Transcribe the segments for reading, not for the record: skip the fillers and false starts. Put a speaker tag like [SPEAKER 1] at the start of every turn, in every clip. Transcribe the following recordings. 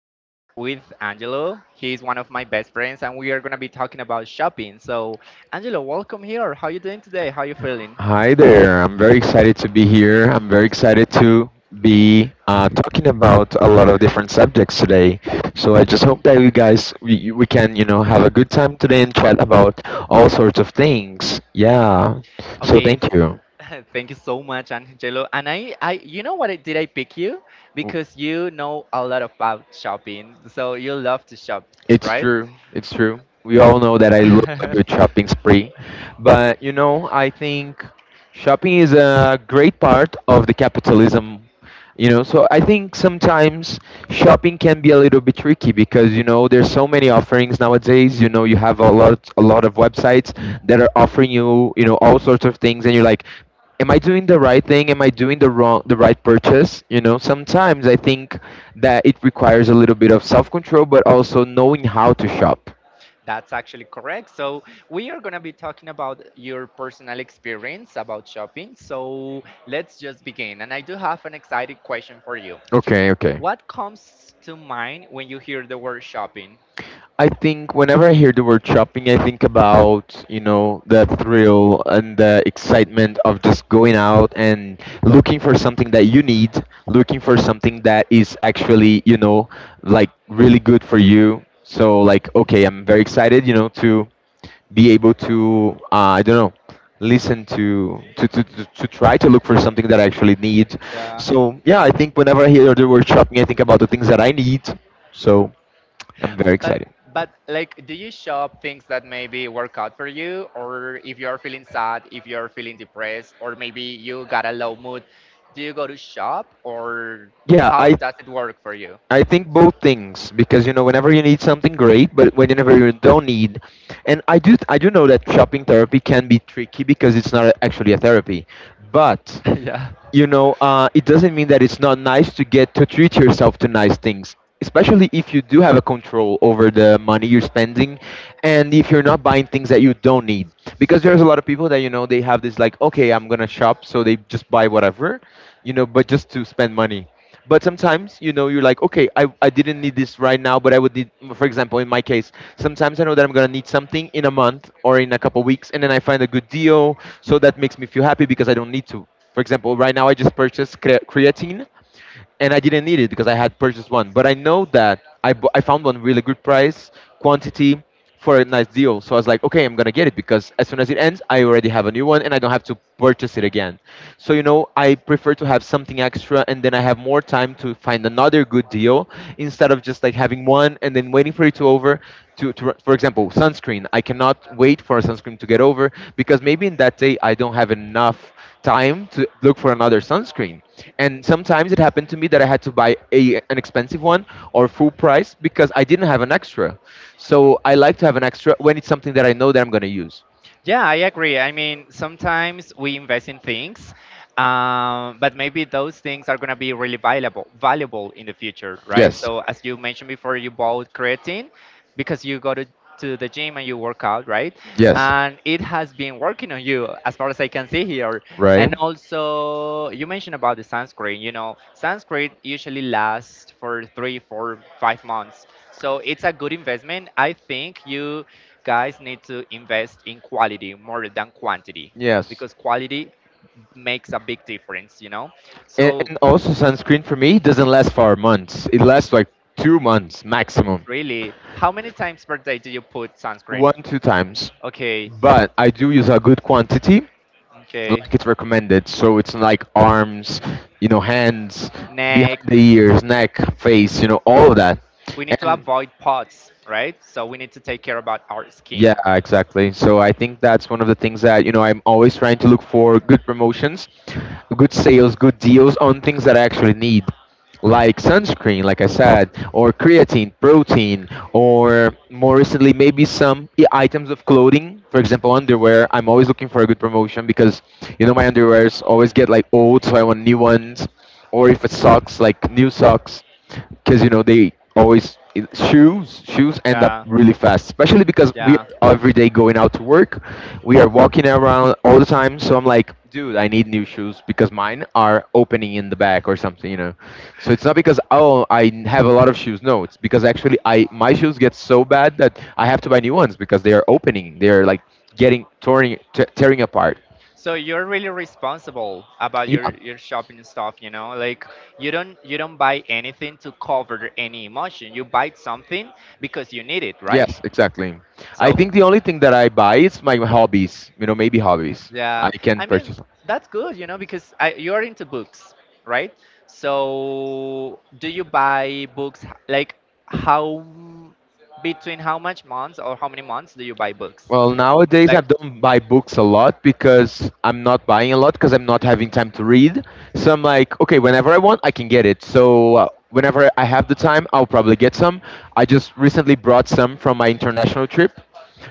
[SPEAKER 1] I'm here with Angelo. He's one of my best friends, and we are going to be talking about shopping. Angelo, welcome here. How you doing today? How you feeling?
[SPEAKER 2] Hi there. I'm very excited to be here. I'm very excited to be talking about a lot of different subjects today. So I just hope that we can have a good time today and chat about all sorts of things. Yeah. So
[SPEAKER 1] Okay.
[SPEAKER 2] thank you.
[SPEAKER 1] Thank you so much, Angelo. And I, you know what? I, did I pick you because you know a lot about shopping, so you love to shop,
[SPEAKER 2] It's
[SPEAKER 1] right?
[SPEAKER 2] true. It's true. We all know that I love a good shopping spree. But, you know, I think shopping is a great part of the capitalism. You know, so I think sometimes shopping can be a little bit tricky because you know there's so many offerings nowadays. You know, you have a lot of websites that are offering you, you know, all sorts of things, and you're like, am I doing the right thing? Am I doing the wrong, the right purchase? You know, sometimes I think that it requires a little bit of self control, but also knowing how to shop.
[SPEAKER 1] That's actually correct. So, we are going to be talking about your personal experience about shopping. So, let's just begin. And I do have an exciting question for you.
[SPEAKER 2] Okay, okay.
[SPEAKER 1] What comes to mind when you hear the word shopping?
[SPEAKER 2] I think whenever I hear the word shopping, I think about, you know, the thrill and the excitement of just going out and looking for something that you need, looking for something that is actually, you know, like really good for you. So, like, okay, I'm very excited, you know, to be able to I don't know listen to try to look for something that I actually need.
[SPEAKER 1] Yeah.
[SPEAKER 2] So yeah, I think whenever I hear the word shopping, I think about the things that I need. So I'm very
[SPEAKER 1] But
[SPEAKER 2] excited.
[SPEAKER 1] but like do you shop things that maybe work out for you or if you're feeling sad, if you're feeling depressed or maybe you got a low mood, do you go to shop or
[SPEAKER 2] Yeah,
[SPEAKER 1] how
[SPEAKER 2] I
[SPEAKER 1] does it work for you?
[SPEAKER 2] I think both things because you know whenever you need something great, but whenever you don't need, and I do know that shopping therapy can be tricky because it's not actually a therapy, but
[SPEAKER 1] yeah.
[SPEAKER 2] you know, it doesn't mean that it's not nice to get to treat yourself to nice things, especially if you do have a control over the money you're spending, and if you're not buying things that you don't need. Because there's a lot of people that you know they have this like, okay, I'm gonna shop, so they just buy whatever, you know, but just to spend money. But sometimes, you know, you're like, okay, I didn't need this right now, but I would need, for example, in my case, sometimes I know that I'm going to need something in a month or in a couple weeks, and then I find a good deal. So that makes me feel happy because I don't need to. For example, right now I just purchased creatine and I didn't need it because I had purchased one. But I know that I found one really good price, quantity for a nice deal. So I was like, okay, I'm gonna get it because as soon as it ends, I already have a new one and I don't have to purchase it again. So you know, I prefer to have something extra and then I have more time to find another good deal instead of just like having one and then waiting for it to over. To, to For example, sunscreen. I cannot wait for a sunscreen to get over because maybe in that day I don't have enough time to look for another sunscreen. And sometimes it happened to me that I had to buy a an expensive one or full price because I didn't have an extra. So I like to have an extra when it's something that I know that I'm going to use.
[SPEAKER 1] Yeah, I agree. I mean, sometimes we invest in things, but maybe those things are going to be really valuable in the future, right?
[SPEAKER 2] Yes.
[SPEAKER 1] So, as you mentioned before, you bought creatine because you go to the gym and you work out, right?
[SPEAKER 2] Yes.
[SPEAKER 1] And it has been working on you as far as I can see here.
[SPEAKER 2] Right.
[SPEAKER 1] And also, you mentioned about the sunscreen. You know, sunscreen usually lasts for 3, 4, 5 months. So it's a good investment. I think you guys need to invest in quality more than quantity
[SPEAKER 2] Yes.
[SPEAKER 1] because quality makes a big difference, you know? So,
[SPEAKER 2] And also, sunscreen for me doesn't last for months. It lasts like 2 months maximum,
[SPEAKER 1] really, how many times per day do you put sunscreen?
[SPEAKER 2] one, two times.
[SPEAKER 1] Okay,
[SPEAKER 2] Okay. But I do use a good quantity
[SPEAKER 1] okay.
[SPEAKER 2] like it's recommended. So it's like arms, you know, hands, behind the
[SPEAKER 1] Neck.
[SPEAKER 2] ears, neck, face, you know, all of that.
[SPEAKER 1] We need to
[SPEAKER 2] And
[SPEAKER 1] avoid pots, right? So we need to take care about our skin.
[SPEAKER 2] yeah, exactly. So I think that's one of the things that, you know, I'm always trying to look for good promotions, good sales, good deals on things that I actually need like sunscreen, like I said, or creatine, protein, or more recently, maybe some items of clothing. For example, underwear. I'm always looking for a good promotion because, you know, my underwears always get like old, so I want new ones. Or if it's socks, like new socks because you know they always shoes end up
[SPEAKER 1] Yeah,
[SPEAKER 2] really fast especially because we
[SPEAKER 1] yeah.
[SPEAKER 2] are every day going out to work, we are walking around all the time, so I'm like, dude, I need new shoes because mine are opening in the back or something, you know. So it's not because, oh, have a lot of shoes. No, it's because actually I my shoes get so bad that I have to buy new ones because they are opening, they're like getting torn, tearing apart.
[SPEAKER 1] So you're really responsible about
[SPEAKER 2] Yeah.
[SPEAKER 1] your shopping stuff, you know? Like you don't buy anything to cover any emotion. You buy something because you need it, right?
[SPEAKER 2] Yes, exactly. I
[SPEAKER 1] So
[SPEAKER 2] think the only thing that I buy is my hobbies. You know, maybe hobbies. I
[SPEAKER 1] yeah,
[SPEAKER 2] can
[SPEAKER 1] I mean
[SPEAKER 2] purchase.
[SPEAKER 1] that's good, you know, because I, you're into books, right? So do you buy books how m- between how much months or how many months do you buy books?
[SPEAKER 2] Well, nowadays I
[SPEAKER 1] Like
[SPEAKER 2] don't buy books a lot because I'm not buying a lot because I'm not having time to read. So I'm like, okay, whenever I want, I can get it. So whenever I have the time, I'll probably get some. I just recently brought some from my international trip.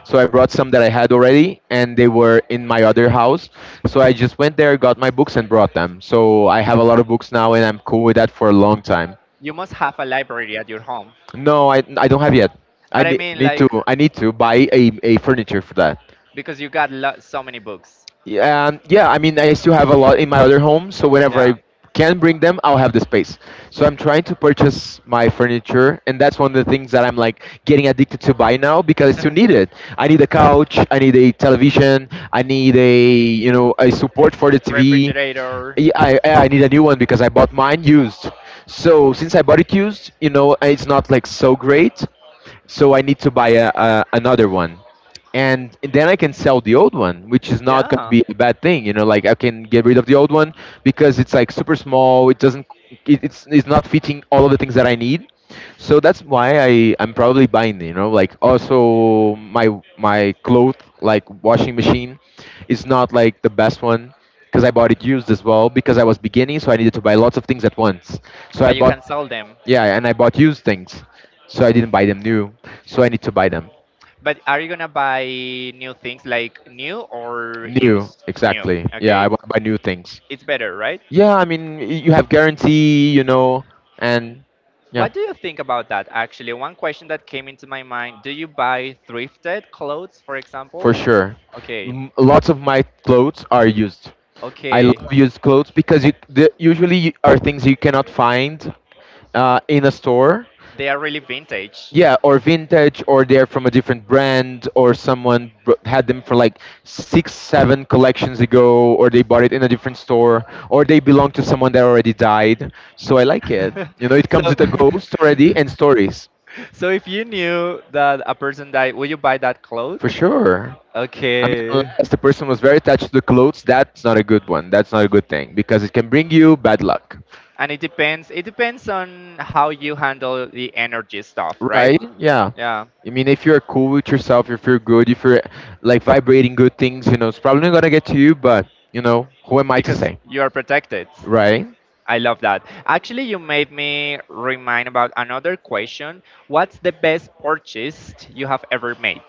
[SPEAKER 2] So I brought some that I had already, and they were in my other house. So I just went there, got my books, and brought them. So I have a lot of books now, and I'm cool with that for a long time.
[SPEAKER 1] you must have a library at your home,
[SPEAKER 2] No, I don't have yet.
[SPEAKER 1] but I mean like
[SPEAKER 2] I need to buy a furniture for that.
[SPEAKER 1] because you got so many books.
[SPEAKER 2] Yeah, yeah. I mean, I still have a lot in my other home, so whenever I
[SPEAKER 1] Yeah.
[SPEAKER 2] can bring them, I'll have the space. So I'm trying to purchase my furniture, and that's one of the things that I'm like getting addicted to buy now because I still need it. I need a couch, I need a television, I need a you know a support for the TV.
[SPEAKER 1] Refrigerator.
[SPEAKER 2] Yeah, I need a new one because I bought mine used. So since I bought it used, you know, it's not like so great. So I need to buy another one and then I can sell the old one, which is not going to
[SPEAKER 1] Yeah.
[SPEAKER 2] be a bad thing. You know, like I can get rid of the old one because it's like super small. It doesn't. It's not fitting all of the things that I need. So that's why I'm probably buying. You know, like also my cloth like washing machine is not like the best one because I bought it used as well because I was beginning, so I needed to buy lots of things at once. So I
[SPEAKER 1] But you
[SPEAKER 2] bought
[SPEAKER 1] can sell them.
[SPEAKER 2] yeah, and I bought used things. So I didn't buy them new. So I need to buy them.
[SPEAKER 1] But are you gonna buy new things like new or
[SPEAKER 2] New,
[SPEAKER 1] used new?
[SPEAKER 2] exactly. Yeah,
[SPEAKER 1] Okay,
[SPEAKER 2] I want to buy new things.
[SPEAKER 1] it's better right?
[SPEAKER 2] Yeah, I mean, you have guarantee, you know, and yeah.
[SPEAKER 1] What do you think about that? Actually, one question that came into my mind, do you buy thrifted clothes, for
[SPEAKER 2] For
[SPEAKER 1] example?
[SPEAKER 2] sure.
[SPEAKER 1] Okay.
[SPEAKER 2] M- Lots of my clothes are used. I
[SPEAKER 1] Okay.
[SPEAKER 2] love used clothes because usually are things you cannot find in a store.
[SPEAKER 1] They are really vintage.
[SPEAKER 2] Yeah, or vintage, or they're from a different brand, or someone had them for like six, seven collections ago, or they bought it in a different store, or they belong to someone that already died. So I like it. You know, it comes
[SPEAKER 1] So,
[SPEAKER 2] with a ghost already and stories,
[SPEAKER 1] so if you knew that a person died, would you buy that clothes?
[SPEAKER 2] for sure. I mean,
[SPEAKER 1] Okay.
[SPEAKER 2] unless the person was very attached to the clothes, that's not a good one. That's not a good thing because it can bring you bad luck.
[SPEAKER 1] And it depends. It depends on how you handle the energy stuff, right?
[SPEAKER 2] Right? Yeah.
[SPEAKER 1] Yeah.
[SPEAKER 2] I mean, if you're cool with yourself, if you're good, if you're like vibrating good things, you know, it's probably not gonna get to you, but you know, who am I to
[SPEAKER 1] Because
[SPEAKER 2] say,
[SPEAKER 1] you are protected.
[SPEAKER 2] right?
[SPEAKER 1] I love that. Actually, you made me remind about another question. What's the best purchase you have ever made?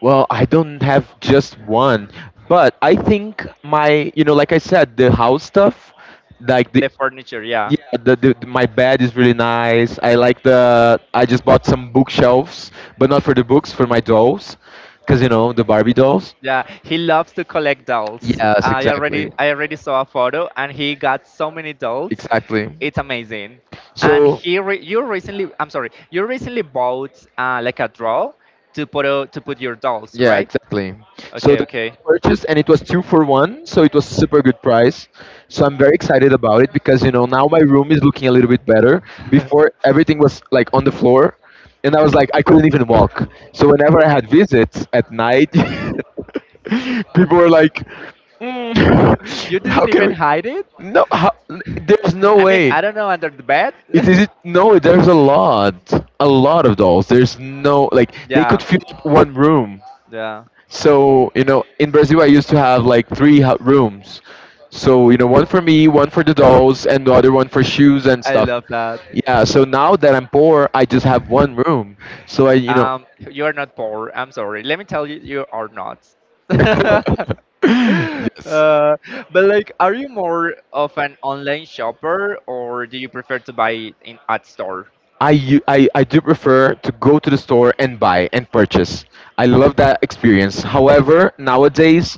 [SPEAKER 2] Well, I don't have just one, but I think my, you know, like I said, the house stuff, like the,
[SPEAKER 1] The furniture, yeah.
[SPEAKER 2] yeah, the, my bed is really nice. I like the, I just bought some bookshelves, but not for the books, for my dolls, because you know, the Barbie dolls.
[SPEAKER 1] Yeah, he loves to collect dolls.
[SPEAKER 2] Yes,
[SPEAKER 1] I
[SPEAKER 2] exactly,
[SPEAKER 1] already I already saw a photo and he got so many dolls.
[SPEAKER 2] exactly.
[SPEAKER 1] It's amazing. And
[SPEAKER 2] So
[SPEAKER 1] you recently, I'm sorry, you recently bought like a draw to to put your dolls,
[SPEAKER 2] yeah,
[SPEAKER 1] right?
[SPEAKER 2] exactly. So
[SPEAKER 1] Okay,
[SPEAKER 2] the
[SPEAKER 1] okay.
[SPEAKER 2] purchase and it was two for one, so it was super good price. So I'm very excited about it because you know now my room is looking a little bit better. Before everything was like on the floor, and I was like I couldn't even walk. So whenever I had visits at night, people were like,
[SPEAKER 1] You
[SPEAKER 2] "Mm, how
[SPEAKER 1] didn't
[SPEAKER 2] can
[SPEAKER 1] even
[SPEAKER 2] we?"
[SPEAKER 1] hide it?
[SPEAKER 2] No, how, there's no
[SPEAKER 1] I mean,
[SPEAKER 2] way.
[SPEAKER 1] I don't know, under the bed.
[SPEAKER 2] It is it no, there's a lot of dolls. There's no like they
[SPEAKER 1] yeah.
[SPEAKER 2] could fill up one room.
[SPEAKER 1] Yeah.
[SPEAKER 2] So you know, in Brazil, I used to have like rooms. So you know, one for me, one for the dolls, and the other one for shoes and
[SPEAKER 1] I
[SPEAKER 2] stuff.
[SPEAKER 1] love that.
[SPEAKER 2] Yeah. So now that I'm poor, I just have one room. So I,
[SPEAKER 1] You are not poor. I'm sorry. Let me tell you, you are not. Uh,
[SPEAKER 2] yes.
[SPEAKER 1] but like, are you more of an online shopper or do you prefer to buy in at store?
[SPEAKER 2] I do prefer to go to the store and buy and purchase. I love that experience. However, nowadays,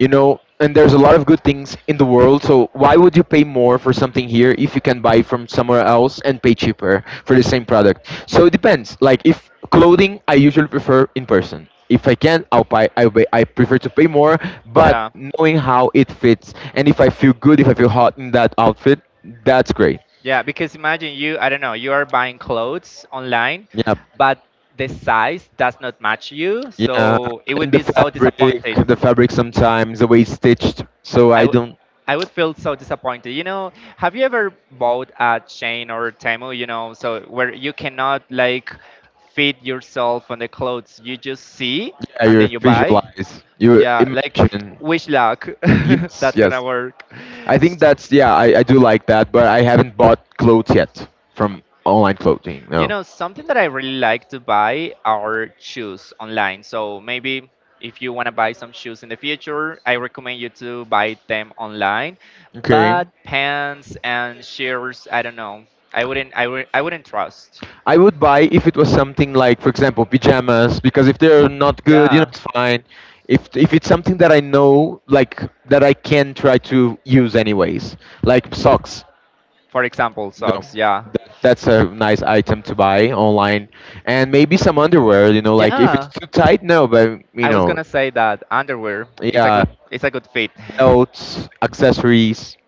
[SPEAKER 2] you know, and there's a lot of good things in the world, so why would you pay more for something here if you can buy from somewhere else and pay cheaper for the same product? So it depends. Like if clothing I usually prefer in person. If I can, I'll buy. I prefer to pay more, but
[SPEAKER 1] Yeah,
[SPEAKER 2] knowing how it fits and if I feel good, if I feel hot in that outfit, that's great.
[SPEAKER 1] yeah, because imagine you, I don't know, you are buying clothes online,
[SPEAKER 2] Yeah,
[SPEAKER 1] but the size does not match you,
[SPEAKER 2] yeah.
[SPEAKER 1] so it
[SPEAKER 2] And
[SPEAKER 1] would
[SPEAKER 2] the
[SPEAKER 1] be so
[SPEAKER 2] fabric,
[SPEAKER 1] disappointed.
[SPEAKER 2] the fabric sometimes the way it's stitched. So
[SPEAKER 1] I,
[SPEAKER 2] I
[SPEAKER 1] w-
[SPEAKER 2] don't.
[SPEAKER 1] I would feel so disappointed. You know, have you ever bought a chain or Temu, you know, so where you cannot like fit yourself on the clothes you just see
[SPEAKER 2] Yeah,
[SPEAKER 1] and
[SPEAKER 2] you
[SPEAKER 1] then you buy?
[SPEAKER 2] visualize, you
[SPEAKER 1] Yeah, like
[SPEAKER 2] imagine.
[SPEAKER 1] wish luck.
[SPEAKER 2] Yes,
[SPEAKER 1] That's
[SPEAKER 2] yes.
[SPEAKER 1] gonna work.
[SPEAKER 2] I think
[SPEAKER 1] So-
[SPEAKER 2] that's yeah, I do like that, but I haven't bought clothes yet from online clothing.
[SPEAKER 1] You
[SPEAKER 2] No.
[SPEAKER 1] know, something that I really like to buy are shoes online. So maybe if you want to buy some shoes in the future, I recommend you to buy them online.
[SPEAKER 2] Okay.
[SPEAKER 1] But pants and shirts, I don't know. I wouldn't trust.
[SPEAKER 2] I would buy if it was something like, for example, pajamas, because if they're not good, you know,
[SPEAKER 1] Yeah.
[SPEAKER 2] it's fine. If it's something that I know, like that I can try to use anyways, like socks.
[SPEAKER 1] For example,
[SPEAKER 2] No,
[SPEAKER 1] socks, yeah.
[SPEAKER 2] that's a nice item to buy online, and maybe some underwear. You know, like if it's
[SPEAKER 1] Yeah.
[SPEAKER 2] too tight, no. But you
[SPEAKER 1] I was
[SPEAKER 2] know,
[SPEAKER 1] gonna say that underwear, it's
[SPEAKER 2] yeah,
[SPEAKER 1] a good fit.
[SPEAKER 2] belts, accessories.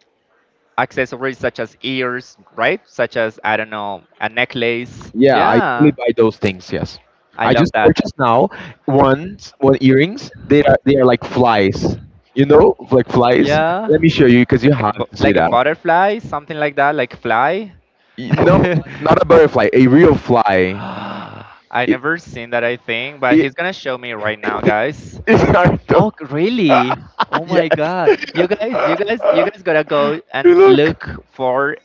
[SPEAKER 1] Accessories such as ears, right? Such as, I don't know, a necklace.
[SPEAKER 2] Yeah, I usually
[SPEAKER 1] Yeah.
[SPEAKER 2] buy those things. Yes,
[SPEAKER 1] I
[SPEAKER 2] I
[SPEAKER 1] love
[SPEAKER 2] just
[SPEAKER 1] that.
[SPEAKER 2] purchased now one earrings. They are like flies. You know, like flies.
[SPEAKER 1] Yeah.
[SPEAKER 2] Let me show you because you
[SPEAKER 1] Like
[SPEAKER 2] have to see
[SPEAKER 1] like a
[SPEAKER 2] that.
[SPEAKER 1] butterfly, something like that, like fly.
[SPEAKER 2] Y- No, not a butterfly, a real fly.
[SPEAKER 1] I
[SPEAKER 2] It,
[SPEAKER 1] never seen that, I think, but he's
[SPEAKER 2] it,
[SPEAKER 1] gonna show me right now, guys.
[SPEAKER 2] it's hard
[SPEAKER 1] Oh,
[SPEAKER 2] though.
[SPEAKER 1] really? Oh my
[SPEAKER 2] yes.
[SPEAKER 1] god. You guys, you guys, you guys gotta go and
[SPEAKER 2] look,
[SPEAKER 1] look for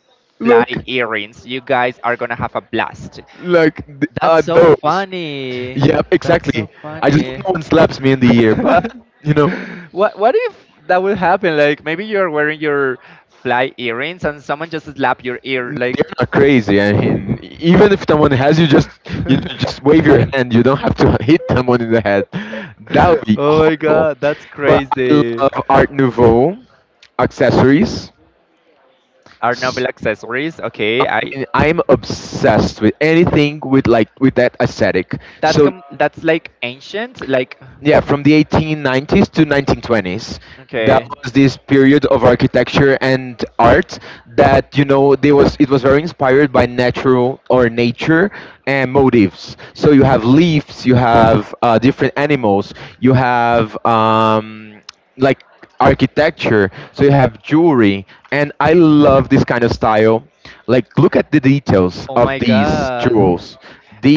[SPEAKER 1] fly
[SPEAKER 2] look,
[SPEAKER 1] earrings. You guys are gonna have a blast.
[SPEAKER 2] Are
[SPEAKER 1] That's so
[SPEAKER 2] those?
[SPEAKER 1] funny.
[SPEAKER 2] Yep,
[SPEAKER 1] That's
[SPEAKER 2] exactly.
[SPEAKER 1] so
[SPEAKER 2] I just hope
[SPEAKER 1] funny.
[SPEAKER 2] no one slaps me in the ear, but you know.
[SPEAKER 1] What if that would happen? Like maybe you're wearing your fly earrings and someone just slap your ear like
[SPEAKER 2] They're not crazy. I mean, even if someone has you, just you know, just wave your hand. You don't have to hit someone in the head. That would be
[SPEAKER 1] Oh my
[SPEAKER 2] horrible.
[SPEAKER 1] god, that's
[SPEAKER 2] But I
[SPEAKER 1] crazy.
[SPEAKER 2] love Art Nouveau accessories.
[SPEAKER 1] Are novel
[SPEAKER 2] S-
[SPEAKER 1] accessories.
[SPEAKER 2] I
[SPEAKER 1] Okay, I
[SPEAKER 2] mean, I'm obsessed with anything with like with that aesthetic. So
[SPEAKER 1] that's like ancient like
[SPEAKER 2] yeah, from the 1890s to 1920s. That
[SPEAKER 1] okay.
[SPEAKER 2] was this period of architecture and art that you know they was it was very inspired by natural or nature and motifs. So you have leaves, you have different animals, you have like architecture, so you have jewelry, and I love this kind of style. Like look at the details
[SPEAKER 1] Oh
[SPEAKER 2] of
[SPEAKER 1] my
[SPEAKER 2] these
[SPEAKER 1] god.
[SPEAKER 2] jewels.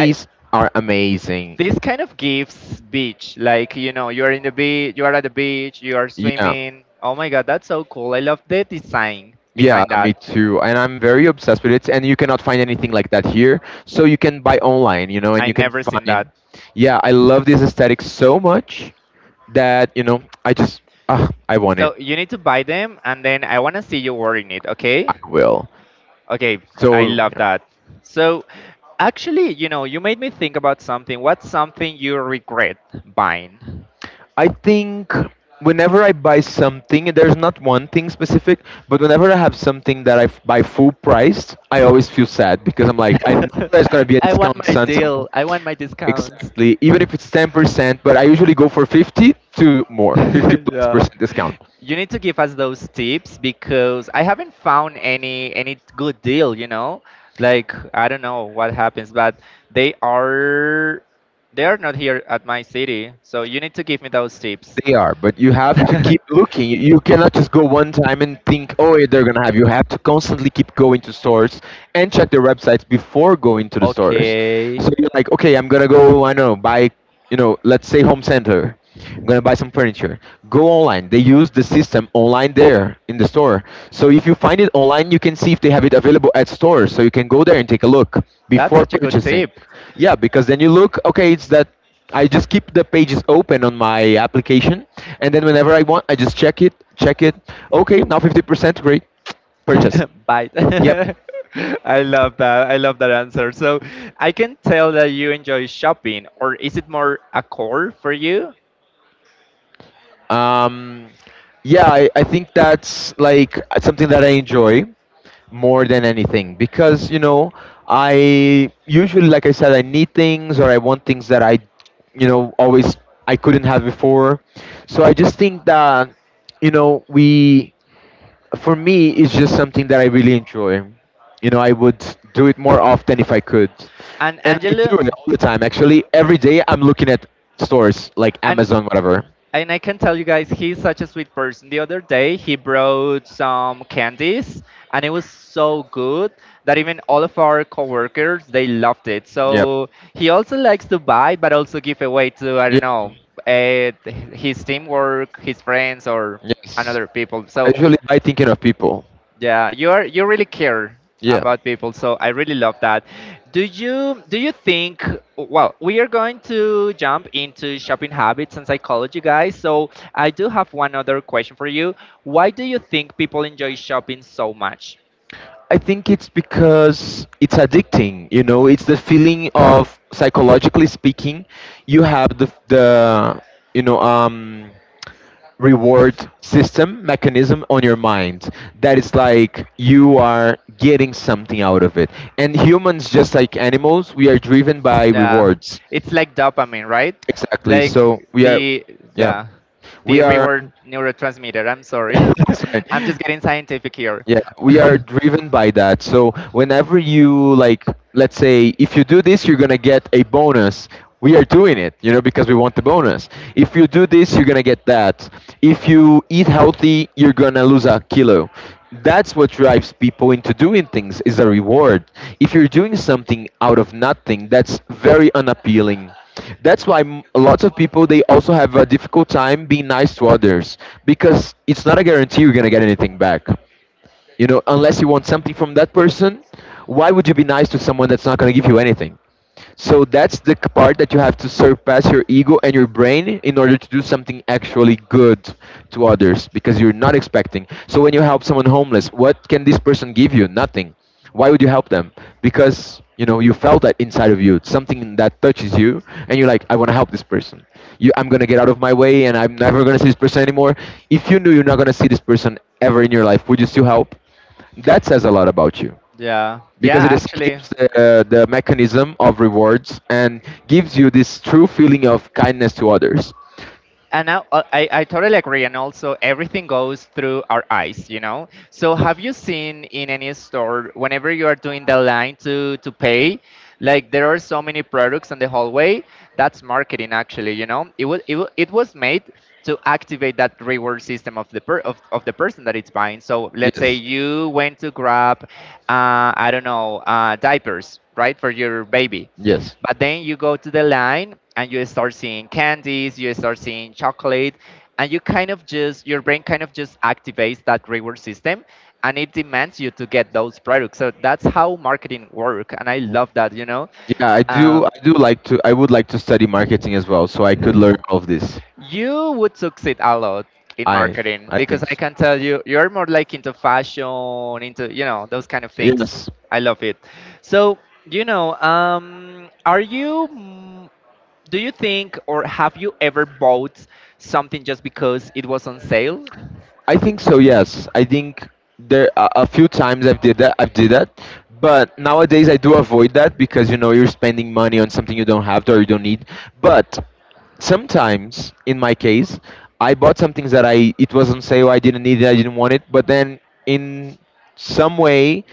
[SPEAKER 1] I
[SPEAKER 2] are amazing.
[SPEAKER 1] this kind of gives beach. Like, you know, you're in the beach, you are at the beach, you are
[SPEAKER 2] Yeah.
[SPEAKER 1] swimming. Oh my god, that's so cool. I love the design
[SPEAKER 2] Yeah,
[SPEAKER 1] behind
[SPEAKER 2] me
[SPEAKER 1] that.
[SPEAKER 2] too. And I'm very obsessed with it. And you cannot find anything like that here. So you can buy online, you know, and
[SPEAKER 1] I
[SPEAKER 2] you can
[SPEAKER 1] never seen that.
[SPEAKER 2] find. Yeah, I love this aesthetic so much that, I want it.
[SPEAKER 1] So you need to buy them and then I wanna see you wearing it, okay?
[SPEAKER 2] I will.
[SPEAKER 1] Okay, I
[SPEAKER 2] So
[SPEAKER 1] love that. So actually, you know, you made me think about something. What's something you regret buying?
[SPEAKER 2] I think whenever I buy something, and there's not one thing specific, but whenever I have something that I buy full priced, I always feel sad because I'm like, I know there's going to be a
[SPEAKER 1] I want
[SPEAKER 2] discount
[SPEAKER 1] my
[SPEAKER 2] on some point.
[SPEAKER 1] deal. I want my discounts.
[SPEAKER 2] Exactly. Even if it's 10%, but I usually go for 50 to more, 50 plus
[SPEAKER 1] yeah.
[SPEAKER 2] percent discount.
[SPEAKER 1] You need to give us those tips because I haven't found any good deal, you know? Like I don't know what happens, but they are they are not here at my city. So you need to give me those tips.
[SPEAKER 2] They are, but you have to keep looking. You cannot just go one time and think, oh, yeah, they're gonna have. You have to constantly keep going to stores and check their websites before going to the stores.
[SPEAKER 1] okay.
[SPEAKER 2] So you're like, okay, I'm gonna go. I don't know, buy, you know, let's say home center. I'm gonna buy some furniture. Go online. They use the system online there in the store. So if you find it online, you can see if they have it available at stores. So you can go there and take a look
[SPEAKER 1] That's
[SPEAKER 2] before
[SPEAKER 1] such a good
[SPEAKER 2] purchasing.
[SPEAKER 1] tip.
[SPEAKER 2] Yeah, because then you look, okay, it's that I just keep the pages open on my application, and then whenever I want, I just check it. Okay, now 50%, great. Purchase.
[SPEAKER 1] Bite.
[SPEAKER 2] Yep.
[SPEAKER 1] I love that. I love that answer. So I can tell that you enjoy shopping, or is it more a chore for you?
[SPEAKER 2] Um, yeah, I think that's like something that I enjoy more than anything because you know I usually like I said I need things or I want things that I you know always I couldn't have before. So I just think that you know we for me it's just something that I really enjoy. You know I would do it more often if I could,
[SPEAKER 1] And
[SPEAKER 2] and I do it
[SPEAKER 1] Angela,
[SPEAKER 2] all the time, actually. Every day I'm looking at stores like
[SPEAKER 1] and
[SPEAKER 2] Amazon, whatever.
[SPEAKER 1] and I can tell you guys, he's such a sweet person. The other day, he brought some candies, and it was so good that even all of our coworkers they loved it.
[SPEAKER 2] Yep,
[SPEAKER 1] So he also likes to buy, but also give away to I don't
[SPEAKER 2] yep.
[SPEAKER 1] know, uh, his teamwork, his friends, or
[SPEAKER 2] Yes,
[SPEAKER 1] another people.
[SPEAKER 2] I
[SPEAKER 1] So
[SPEAKER 2] usually buy thinking of people.
[SPEAKER 1] yeah, you are you really care
[SPEAKER 2] Yeah,
[SPEAKER 1] about people, so I really love that. Do you think well, we are going to jump into shopping habits and psychology, guys. So I do have one other question for you. Why do you think people enjoy shopping so much?
[SPEAKER 2] I think it's because it's addicting. You know, it's the feeling of psychologically speaking, you have the you know reward system mechanism on your mind that is like you are getting something out of it. And humans, just like animals, we are driven by
[SPEAKER 1] Yeah,
[SPEAKER 2] rewards.
[SPEAKER 1] it's like dopamine, right?
[SPEAKER 2] Exactly. So
[SPEAKER 1] like
[SPEAKER 2] we are,
[SPEAKER 1] the
[SPEAKER 2] yeah,
[SPEAKER 1] Yeah, the
[SPEAKER 2] we are.
[SPEAKER 1] reward neurotransmitter, I'm sorry.
[SPEAKER 2] it's fine.
[SPEAKER 1] I'm just getting scientific here.
[SPEAKER 2] Yeah, we are driven by that. So whenever you like, let's say, if you do this, you're gonna get a bonus. We are doing it, you know, because we want the bonus. If you do this, you're gonna get that. If you eat healthy, you're gonna lose a kilo. That's what drives people into doing things is a
[SPEAKER 1] If
[SPEAKER 2] reward. If
[SPEAKER 1] you
[SPEAKER 2] you're
[SPEAKER 1] do
[SPEAKER 2] doing something
[SPEAKER 1] something out
[SPEAKER 2] out
[SPEAKER 1] of
[SPEAKER 2] of
[SPEAKER 1] nothing,
[SPEAKER 2] nothing,
[SPEAKER 1] that's
[SPEAKER 2] that's
[SPEAKER 1] very.
[SPEAKER 2] very unappealing.
[SPEAKER 1] That's
[SPEAKER 2] That's
[SPEAKER 1] a
[SPEAKER 2] why
[SPEAKER 1] lot of people
[SPEAKER 2] lots of people they
[SPEAKER 1] playing all the
[SPEAKER 2] also
[SPEAKER 1] time,
[SPEAKER 2] have a
[SPEAKER 1] but they
[SPEAKER 2] difficult
[SPEAKER 1] spend time
[SPEAKER 2] time being
[SPEAKER 1] being nice
[SPEAKER 2] nice
[SPEAKER 1] to
[SPEAKER 2] to
[SPEAKER 1] others
[SPEAKER 2] others
[SPEAKER 1] because
[SPEAKER 2] because it's
[SPEAKER 1] it's
[SPEAKER 2] not
[SPEAKER 1] not
[SPEAKER 2] a
[SPEAKER 1] a
[SPEAKER 2] guarantee you're
[SPEAKER 1] guarantee
[SPEAKER 2] gonna
[SPEAKER 1] they're
[SPEAKER 2] get
[SPEAKER 1] going to
[SPEAKER 2] anything
[SPEAKER 1] come back.
[SPEAKER 2] back. You
[SPEAKER 1] You know,
[SPEAKER 2] know,
[SPEAKER 1] unless
[SPEAKER 2] unless you
[SPEAKER 1] for
[SPEAKER 2] want something
[SPEAKER 1] example
[SPEAKER 2] from
[SPEAKER 1] that
[SPEAKER 2] that
[SPEAKER 1] person.
[SPEAKER 2] person, why
[SPEAKER 1] Why
[SPEAKER 2] would
[SPEAKER 1] do
[SPEAKER 2] you be nice to
[SPEAKER 1] even
[SPEAKER 2] someone that's not going to give you
[SPEAKER 1] waiting?
[SPEAKER 2] anything? So that's the part that you have to surpass your ego and your brain in order to do something actually good to others because you're not expecting. So when you help someone homeless, what can this person give you? Nothing. Why would you help them? Because you know you felt that inside of you, something that touches you, and you're like, I want to help this person. You, I'm gonna get out of my way, and I'm never gonna see this person anymore. If you knew you're not gonna see this person ever in your life, would you still help? That says a lot about you
[SPEAKER 1] Yeah.
[SPEAKER 2] because
[SPEAKER 1] Yeah,
[SPEAKER 2] it
[SPEAKER 1] actually.
[SPEAKER 2] escapes the mechanism of rewards and gives you this true feeling of kindness to others.
[SPEAKER 1] And now I totally agree. And also, everything goes through our eyes, you know? So, have you seen in any store, whenever you are doing the line to pay, like there are so many products on the hallway? That's marketing, actually, you know? It was made to activate that reward system of of the person that it's buying. So, let's say
[SPEAKER 2] Yes.
[SPEAKER 1] you went to grab I don't know, diapers, right, for your baby.
[SPEAKER 2] Yes.
[SPEAKER 1] But then you go to the line and you start seeing candies, you start seeing chocolate, and you kind of just, your brain kind of just activates that reward system and it demands you to get those products. So that's how marketing work, and I love that, you know.
[SPEAKER 2] Yeah, I do. I
[SPEAKER 1] Um,
[SPEAKER 2] do like to. I would like to study marketing as well, so I could learn all of this.
[SPEAKER 1] You would succeed a lot in
[SPEAKER 2] I
[SPEAKER 1] marketing
[SPEAKER 2] I
[SPEAKER 1] because
[SPEAKER 2] think
[SPEAKER 1] I
[SPEAKER 2] so.
[SPEAKER 1] can tell you you're more like into fashion, into you know those kind of things.
[SPEAKER 2] Yes.
[SPEAKER 1] I love it. So you know, are you? Do you think or have you ever bought something just because it was on sale?
[SPEAKER 2] I think so. Yes, I think there a few times I've did that, but nowadays I do avoid that because you know you're spending money on something you don't have to or you don't need. But sometimes, in my case, I bought some things that I it was on sale. I didn't need it. I didn't want it. But then in some way,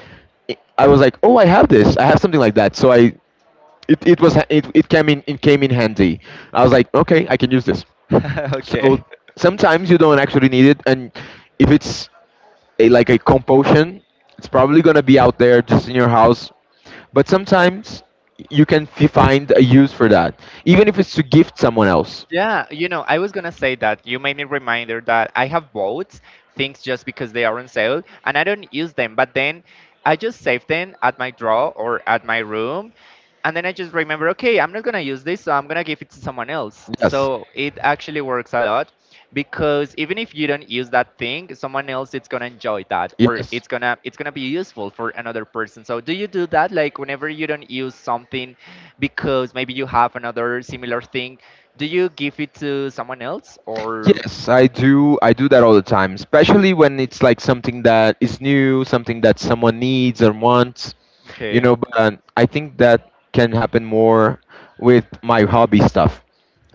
[SPEAKER 2] I was like, oh, I have this. I have something like that. So I. It came in handy. I was like, okay, I can use this. So
[SPEAKER 1] okay.
[SPEAKER 2] sometimes you don't actually need it, and if it's a, like a compulsion, it's probably gonna be out there just in your house. But sometimes you can find a use for that, even if it's to gift someone else.
[SPEAKER 1] Yeah, you know, I was gonna say that you made me reminder that I have bought things just because they are on sale and I don't use them, but then I just save them at my drawer or at my room, and then I just remember, okay, I'm not gonna use this, so I'm gonna give it to someone else.
[SPEAKER 2] Yes,
[SPEAKER 1] So it actually works a lot because even if you don't use that thing, someone else it's gonna enjoy that or
[SPEAKER 2] yes.
[SPEAKER 1] it's gonna be useful for another person. So do you do that like whenever you don't use something because maybe you have another similar thing do you give it to someone else or
[SPEAKER 2] Yes, I do. I do that all the time, especially when it's like something that is new, something that someone needs or wants, you
[SPEAKER 1] okay?
[SPEAKER 2] know. But I think that can happen more with my hobby stuff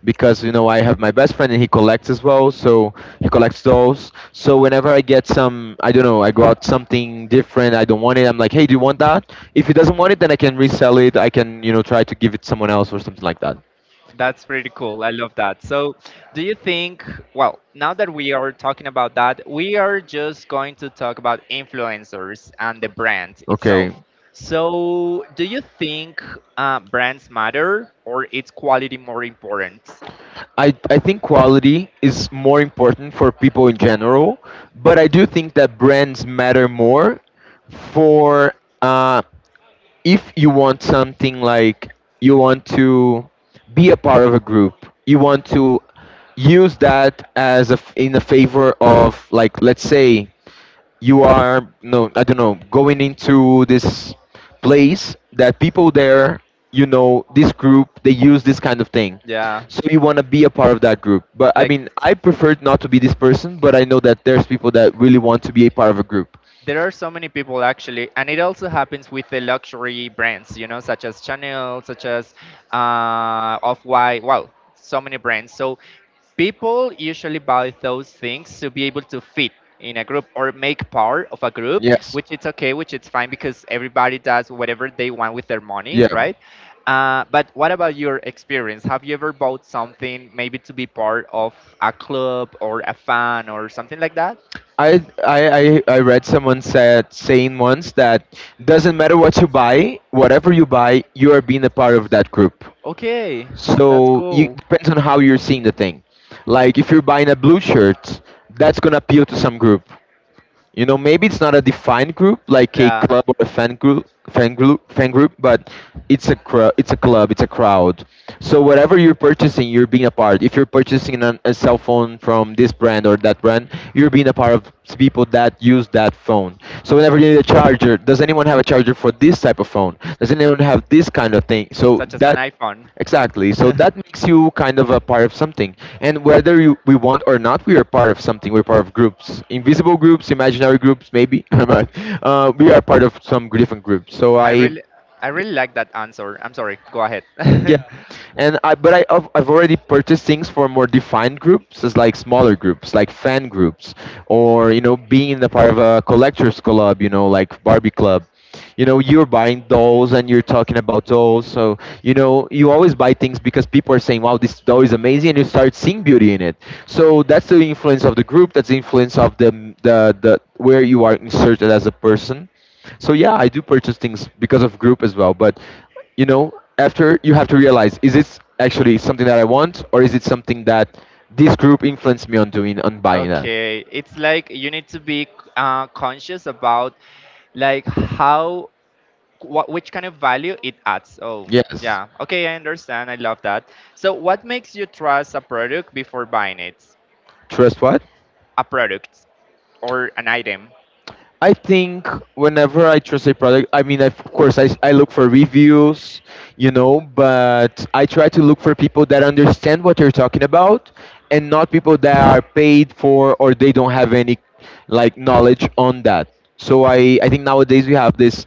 [SPEAKER 2] because you know I have my best friend and he collects as well, so he collects those. So whenever I get some, I don't know, I got something different, I don't want it. I'm like, hey, do you want that? If he doesn't want it, then I can resell it. I can you know try to give it someone else or something like that.
[SPEAKER 1] That's pretty cool. I love that. So, do you think, well, now that we are talking about that, we are just going to talk about influencers and the brand
[SPEAKER 2] Okay,
[SPEAKER 1] itself. So, do you think brands matter or is quality more important?
[SPEAKER 2] I think quality is more important for people in general, but I do think that brands matter more for uh, if you want something like you want to be a part of a group, you want to use that as a, in a favor of like let's say you are no I don't know going into this place that people there you know this group they use this kind of thing
[SPEAKER 1] Yeah.
[SPEAKER 2] so you want to be a part of that group but I
[SPEAKER 1] Like,
[SPEAKER 2] mean I prefer not to be this person but I know that there's people that really want to be a part of a group.
[SPEAKER 1] there are so many people actually, and it also happens with the luxury brands, you know, such as Chanel, such as off white wow, so many brands. So people usually buy those things to be able to fit in a group or make part of a group,
[SPEAKER 2] Yes,
[SPEAKER 1] which it's okay, which it's fine, because everybody does whatever they want with their money,
[SPEAKER 2] yeah.
[SPEAKER 1] right? But what about your experience? Have you ever bought something maybe to be part of a club or a fan or something like that?
[SPEAKER 2] I read someone said saying once that doesn't matter what you buy, whatever you buy you are being a part of that group.
[SPEAKER 1] Okay, that's
[SPEAKER 2] So you
[SPEAKER 1] cool.
[SPEAKER 2] depends on how you're seeing the thing. Like if you're buying a blue shirt, that's gonna appeal to some group. You know, maybe it's not a defined group like a
[SPEAKER 1] Yeah.
[SPEAKER 2] club or a fan group, but it's a it's a club, it's a crowd. So whatever you're purchasing, you're being a part. If you're purchasing a cell phone from this brand or that brand, you're being a part of people that use that phone. So whenever you need a charger, does anyone have a charger for this type of phone? Does anyone have this kind of thing? So
[SPEAKER 1] Such as an
[SPEAKER 2] that.
[SPEAKER 1] iPhone.
[SPEAKER 2] Exactly. So that makes you kind of a part of something. And whether we want or not, we are part of something. We're part of groups, invisible groups, imaginary groups, maybe. But, we are part of some different groups. So
[SPEAKER 1] I
[SPEAKER 2] I,
[SPEAKER 1] really, I really like that answer. I'm sorry. Go ahead.
[SPEAKER 2] yeah, and I but I I've already purchased things for more defined groups, as like smaller groups, like fan groups, or you know being in the part of a collectors club, you know like Barbie club. You know you're buying dolls and you're talking about dolls, so you know you always buy things because people are saying, "Wow, this doll is amazing," and you start seeing beauty in it. So that's the influence of the group. That's the influence of the the where you are inserted as a person. So yeah, I do purchase things because of group as well, but you know after you have to realize, is this actually something that I want, or is it something that this group influenced me on doing, on buying that?
[SPEAKER 1] Okay, it's like you need to be conscious about, like, how, what, which kind of value it adds. Oh,
[SPEAKER 2] Yes.
[SPEAKER 1] yeah. Okay, I understand. I love that. So, what makes you trust a product before buying it?
[SPEAKER 2] Trust what?
[SPEAKER 1] A product or an item.
[SPEAKER 2] I think whenever I trust a product, I mean, of course, I look for reviews, you know, but I try to look for people that understand what you're talking about, and not people that are paid for, or they don't have any like knowledge on that. So I think nowadays we have this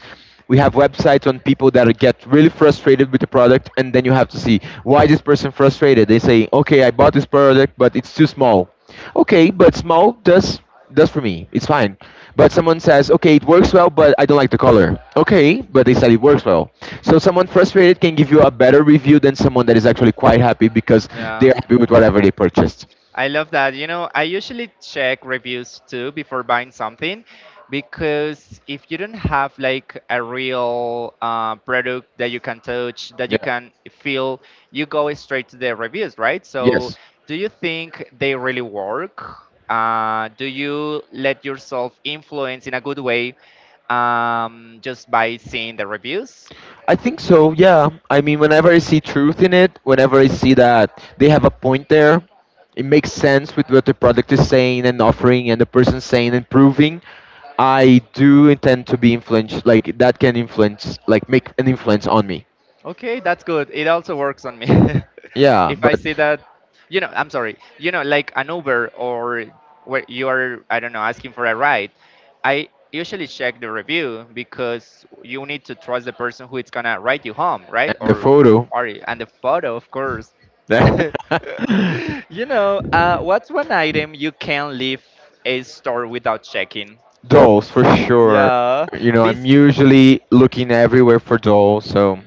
[SPEAKER 2] we have websites on people that get really frustrated with the product, and then you have to see why this person frustrated. They say, okay, I bought this product but it's too small. Okay, but small does for me it's fine. But someone says, okay, it works well but I don't like the color. Okay, but they said it works well. So someone frustrated can give you a better review than someone that is actually quite happy, because
[SPEAKER 1] Yeah.
[SPEAKER 2] they're happy with whatever they purchased.
[SPEAKER 1] I love that. You know, I usually check reviews too before buying something, because if you don't have, like, a real product that you can touch, that
[SPEAKER 2] Yeah.
[SPEAKER 1] you can feel, you go straight to the reviews, right? So,
[SPEAKER 2] Yes.
[SPEAKER 1] do you think they really work? Do you let yourself influence in a good way just by seeing the reviews?
[SPEAKER 2] I think so, yeah. I mean, whenever I see truth in it, whenever I see that they have a point there, it makes sense with what the product is saying and offering, and the person saying and proving, I do intend to be influenced. Like, that can influence, like, make an influence on me.
[SPEAKER 1] Okay, that's good. It also works on me.
[SPEAKER 2] Yeah,
[SPEAKER 1] If I
[SPEAKER 2] but
[SPEAKER 1] see that, you know, I'm sorry, you know, like an Uber or where you are, I don't know, asking for a ride, I usually check the review because you need to trust the person who is gonna ride you home, right?
[SPEAKER 2] and the photo.
[SPEAKER 1] Or and the photo, of course. You know, what's one item you can leave a store without checking?
[SPEAKER 2] Dolls for sure.
[SPEAKER 1] Yeah.
[SPEAKER 2] You know, I'm
[SPEAKER 1] Bes
[SPEAKER 2] usually looking everywhere for dolls. So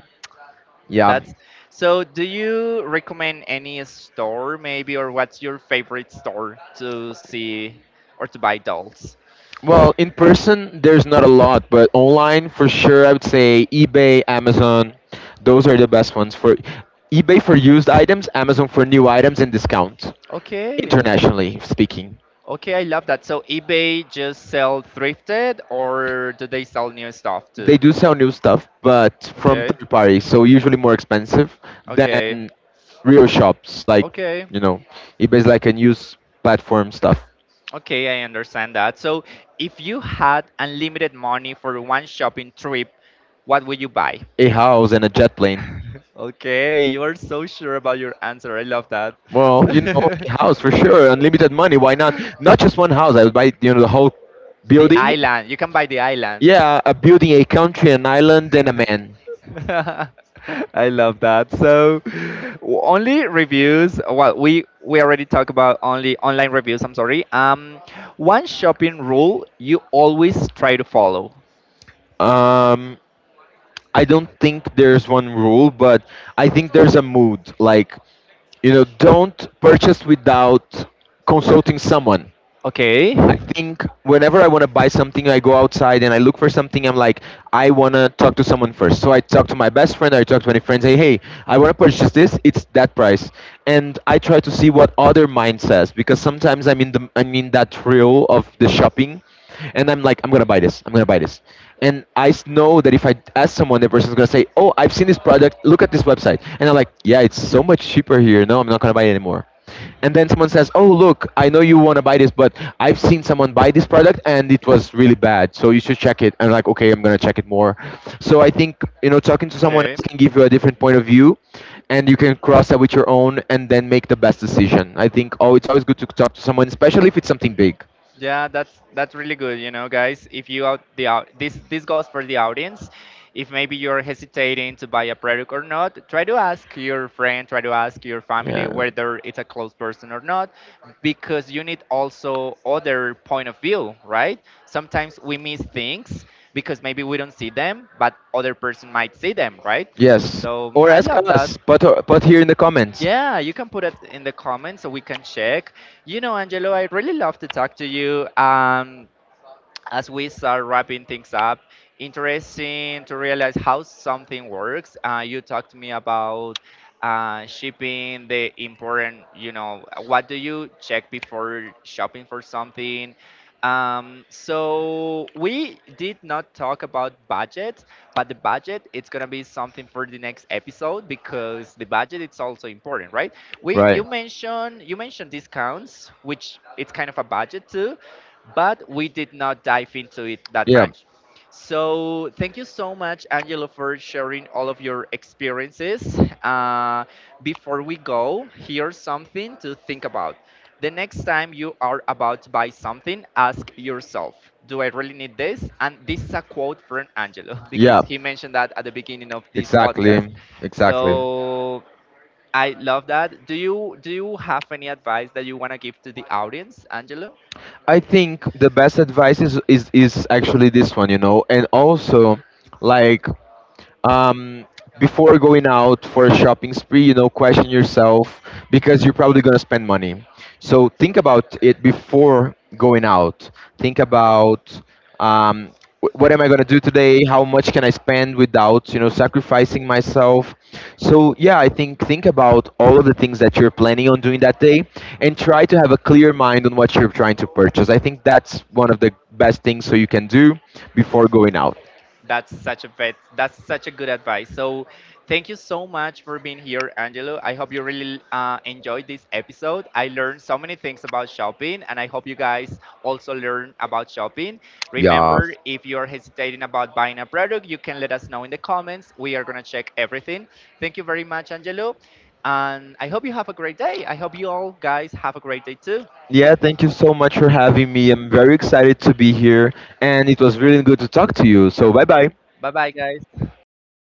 [SPEAKER 2] yeah,
[SPEAKER 1] That's so. Do you recommend any store, maybe, or what's your favorite store to see or to buy dolls?
[SPEAKER 2] well, in person, there's not a lot, but online for sure, I would say eBay, Amazon, those are the best ones for eBay for used items, Amazon for new items and discounts,
[SPEAKER 1] Okay,
[SPEAKER 2] internationally speaking.
[SPEAKER 1] okay, I love that. So eBay just sell thrifted, or do they sell new stuff too?
[SPEAKER 2] They do sell new stuff, but from
[SPEAKER 1] Okay,
[SPEAKER 2] third parties, so usually more expensive
[SPEAKER 1] okay,
[SPEAKER 2] than real shops. Like,
[SPEAKER 1] okay,
[SPEAKER 2] you know, eBay's like a news platform stuff.
[SPEAKER 1] okay. I understand that. So, if you had unlimited money for one shopping trip, what would you buy?
[SPEAKER 2] A house and a jet plane.
[SPEAKER 1] Okay, you are so sure about your answer. I love that.
[SPEAKER 2] Well, you know, a house for sure, unlimited money. Why not? Not just one house. I would buy, you know, the whole
[SPEAKER 1] The
[SPEAKER 2] building.
[SPEAKER 1] island. You can buy the island.
[SPEAKER 2] Yeah, a building, a country, an island, and a man.
[SPEAKER 1] I love that. So only reviews. Well, we already talked about only online reviews. I'm sorry. One shopping rule you always try to follow.
[SPEAKER 2] Um, I don't think there's one rule, but I think there's a mood. Like, you know, don't purchase without consulting someone.
[SPEAKER 1] Okay.
[SPEAKER 2] I think whenever I want to buy something, I go outside and I look for something. I'm like, I want to talk to someone first. So I talk to my best friend, I talk to my friends, say, hey, I want to purchase this. It's that price. And I try to see what other mind says, because sometimes I'm in that thrill of the shopping, and I'm like, I'm going to buy this. I'm going to buy this. And know that if I ask someone, the person's going to say, oh, I've seen this product. Look at this website. And I'm like, yeah, it's so much cheaper here. No, I'm not going to buy it anymore. And then someone says, "Oh, look, I know you want to buy this, but I've seen someone buy this product and it was really bad, so you should check it." And like, okay, I'm gonna check it more. So I think you know, talking to someone else
[SPEAKER 1] Okay.
[SPEAKER 2] can give you a different point of view, and you can cross that with your own, and then make the best decision. I think oh, it's always good to talk to someone, especially if it's something big.
[SPEAKER 1] Yeah, that's really good. You know, guys, if you out the out this, this goes for the audience. If maybe you're hesitating to buy a product or not, try to ask your friend, try to ask your family,
[SPEAKER 2] Yeah.
[SPEAKER 1] whether it's a close person or not, because you need also other point of view, right? Sometimes we miss things because maybe we don't see them, but other person might see them, right?
[SPEAKER 2] See yes.
[SPEAKER 1] So
[SPEAKER 2] Or
[SPEAKER 1] I
[SPEAKER 2] ask
[SPEAKER 1] love that.
[SPEAKER 2] us. Put here in the comments.
[SPEAKER 1] Yeah, you can put it in the comments so we can check. You know, Angelo, I really love to talk to you. As we start wrapping things up, interesting to realize how something works. You talked to me about shipping, the important, you know, what do you check before shopping for something? So, we did not talk about budget, but the budget it's gonna be something for the next episode because the budget it's also important, right? We
[SPEAKER 2] Right.
[SPEAKER 1] you mentioned discounts, which it's kind of a budget too, but we did not dive into it that
[SPEAKER 2] Yeah.
[SPEAKER 1] much. So thank you so much, Angelo, for sharing all of your experiences. Before we go, here's something to think about. The next time you are about to buy something, ask yourself, do I really need this? And this is a quote from Angelo because
[SPEAKER 2] Yeah.
[SPEAKER 1] he mentioned that at the beginning of this podcast.
[SPEAKER 2] Exactly. Exactly.
[SPEAKER 1] So I love that. Do you have any advice that you want to give to the audience, Angelo?
[SPEAKER 2] I think the best advice is, is actually this one, you know, and also like um, before going out for a shopping spree, you know, question yourself because you're probably going to spend money. So think about it before going out. Think about um, what am I going to do today? How much can I spend without, you know, sacrificing myself? So yeah, I think about all of the things that you're planning on doing that day, and try to have a clear mind on what you're trying to purchase. I think that's one of the best things so you can do before going out.
[SPEAKER 1] That's such a bet. That's such a good advice. So, thank you so much for being here, Angelo. I hope you really enjoyed this episode. I learned so many things about shopping, and I hope you guys also learn about shopping.
[SPEAKER 2] Yeah,
[SPEAKER 1] Remember, if you're hesitating about buying a product, you can let us know in the comments. We are gonna check everything. Thank you very much, Angelo, and I hope you have a great day. I hope you all guys have a great day too.
[SPEAKER 2] yeah. Thank you so much for having me. I'm very excited to be here, and it was really good to talk to you. So bye bye.
[SPEAKER 1] Bye bye, guys.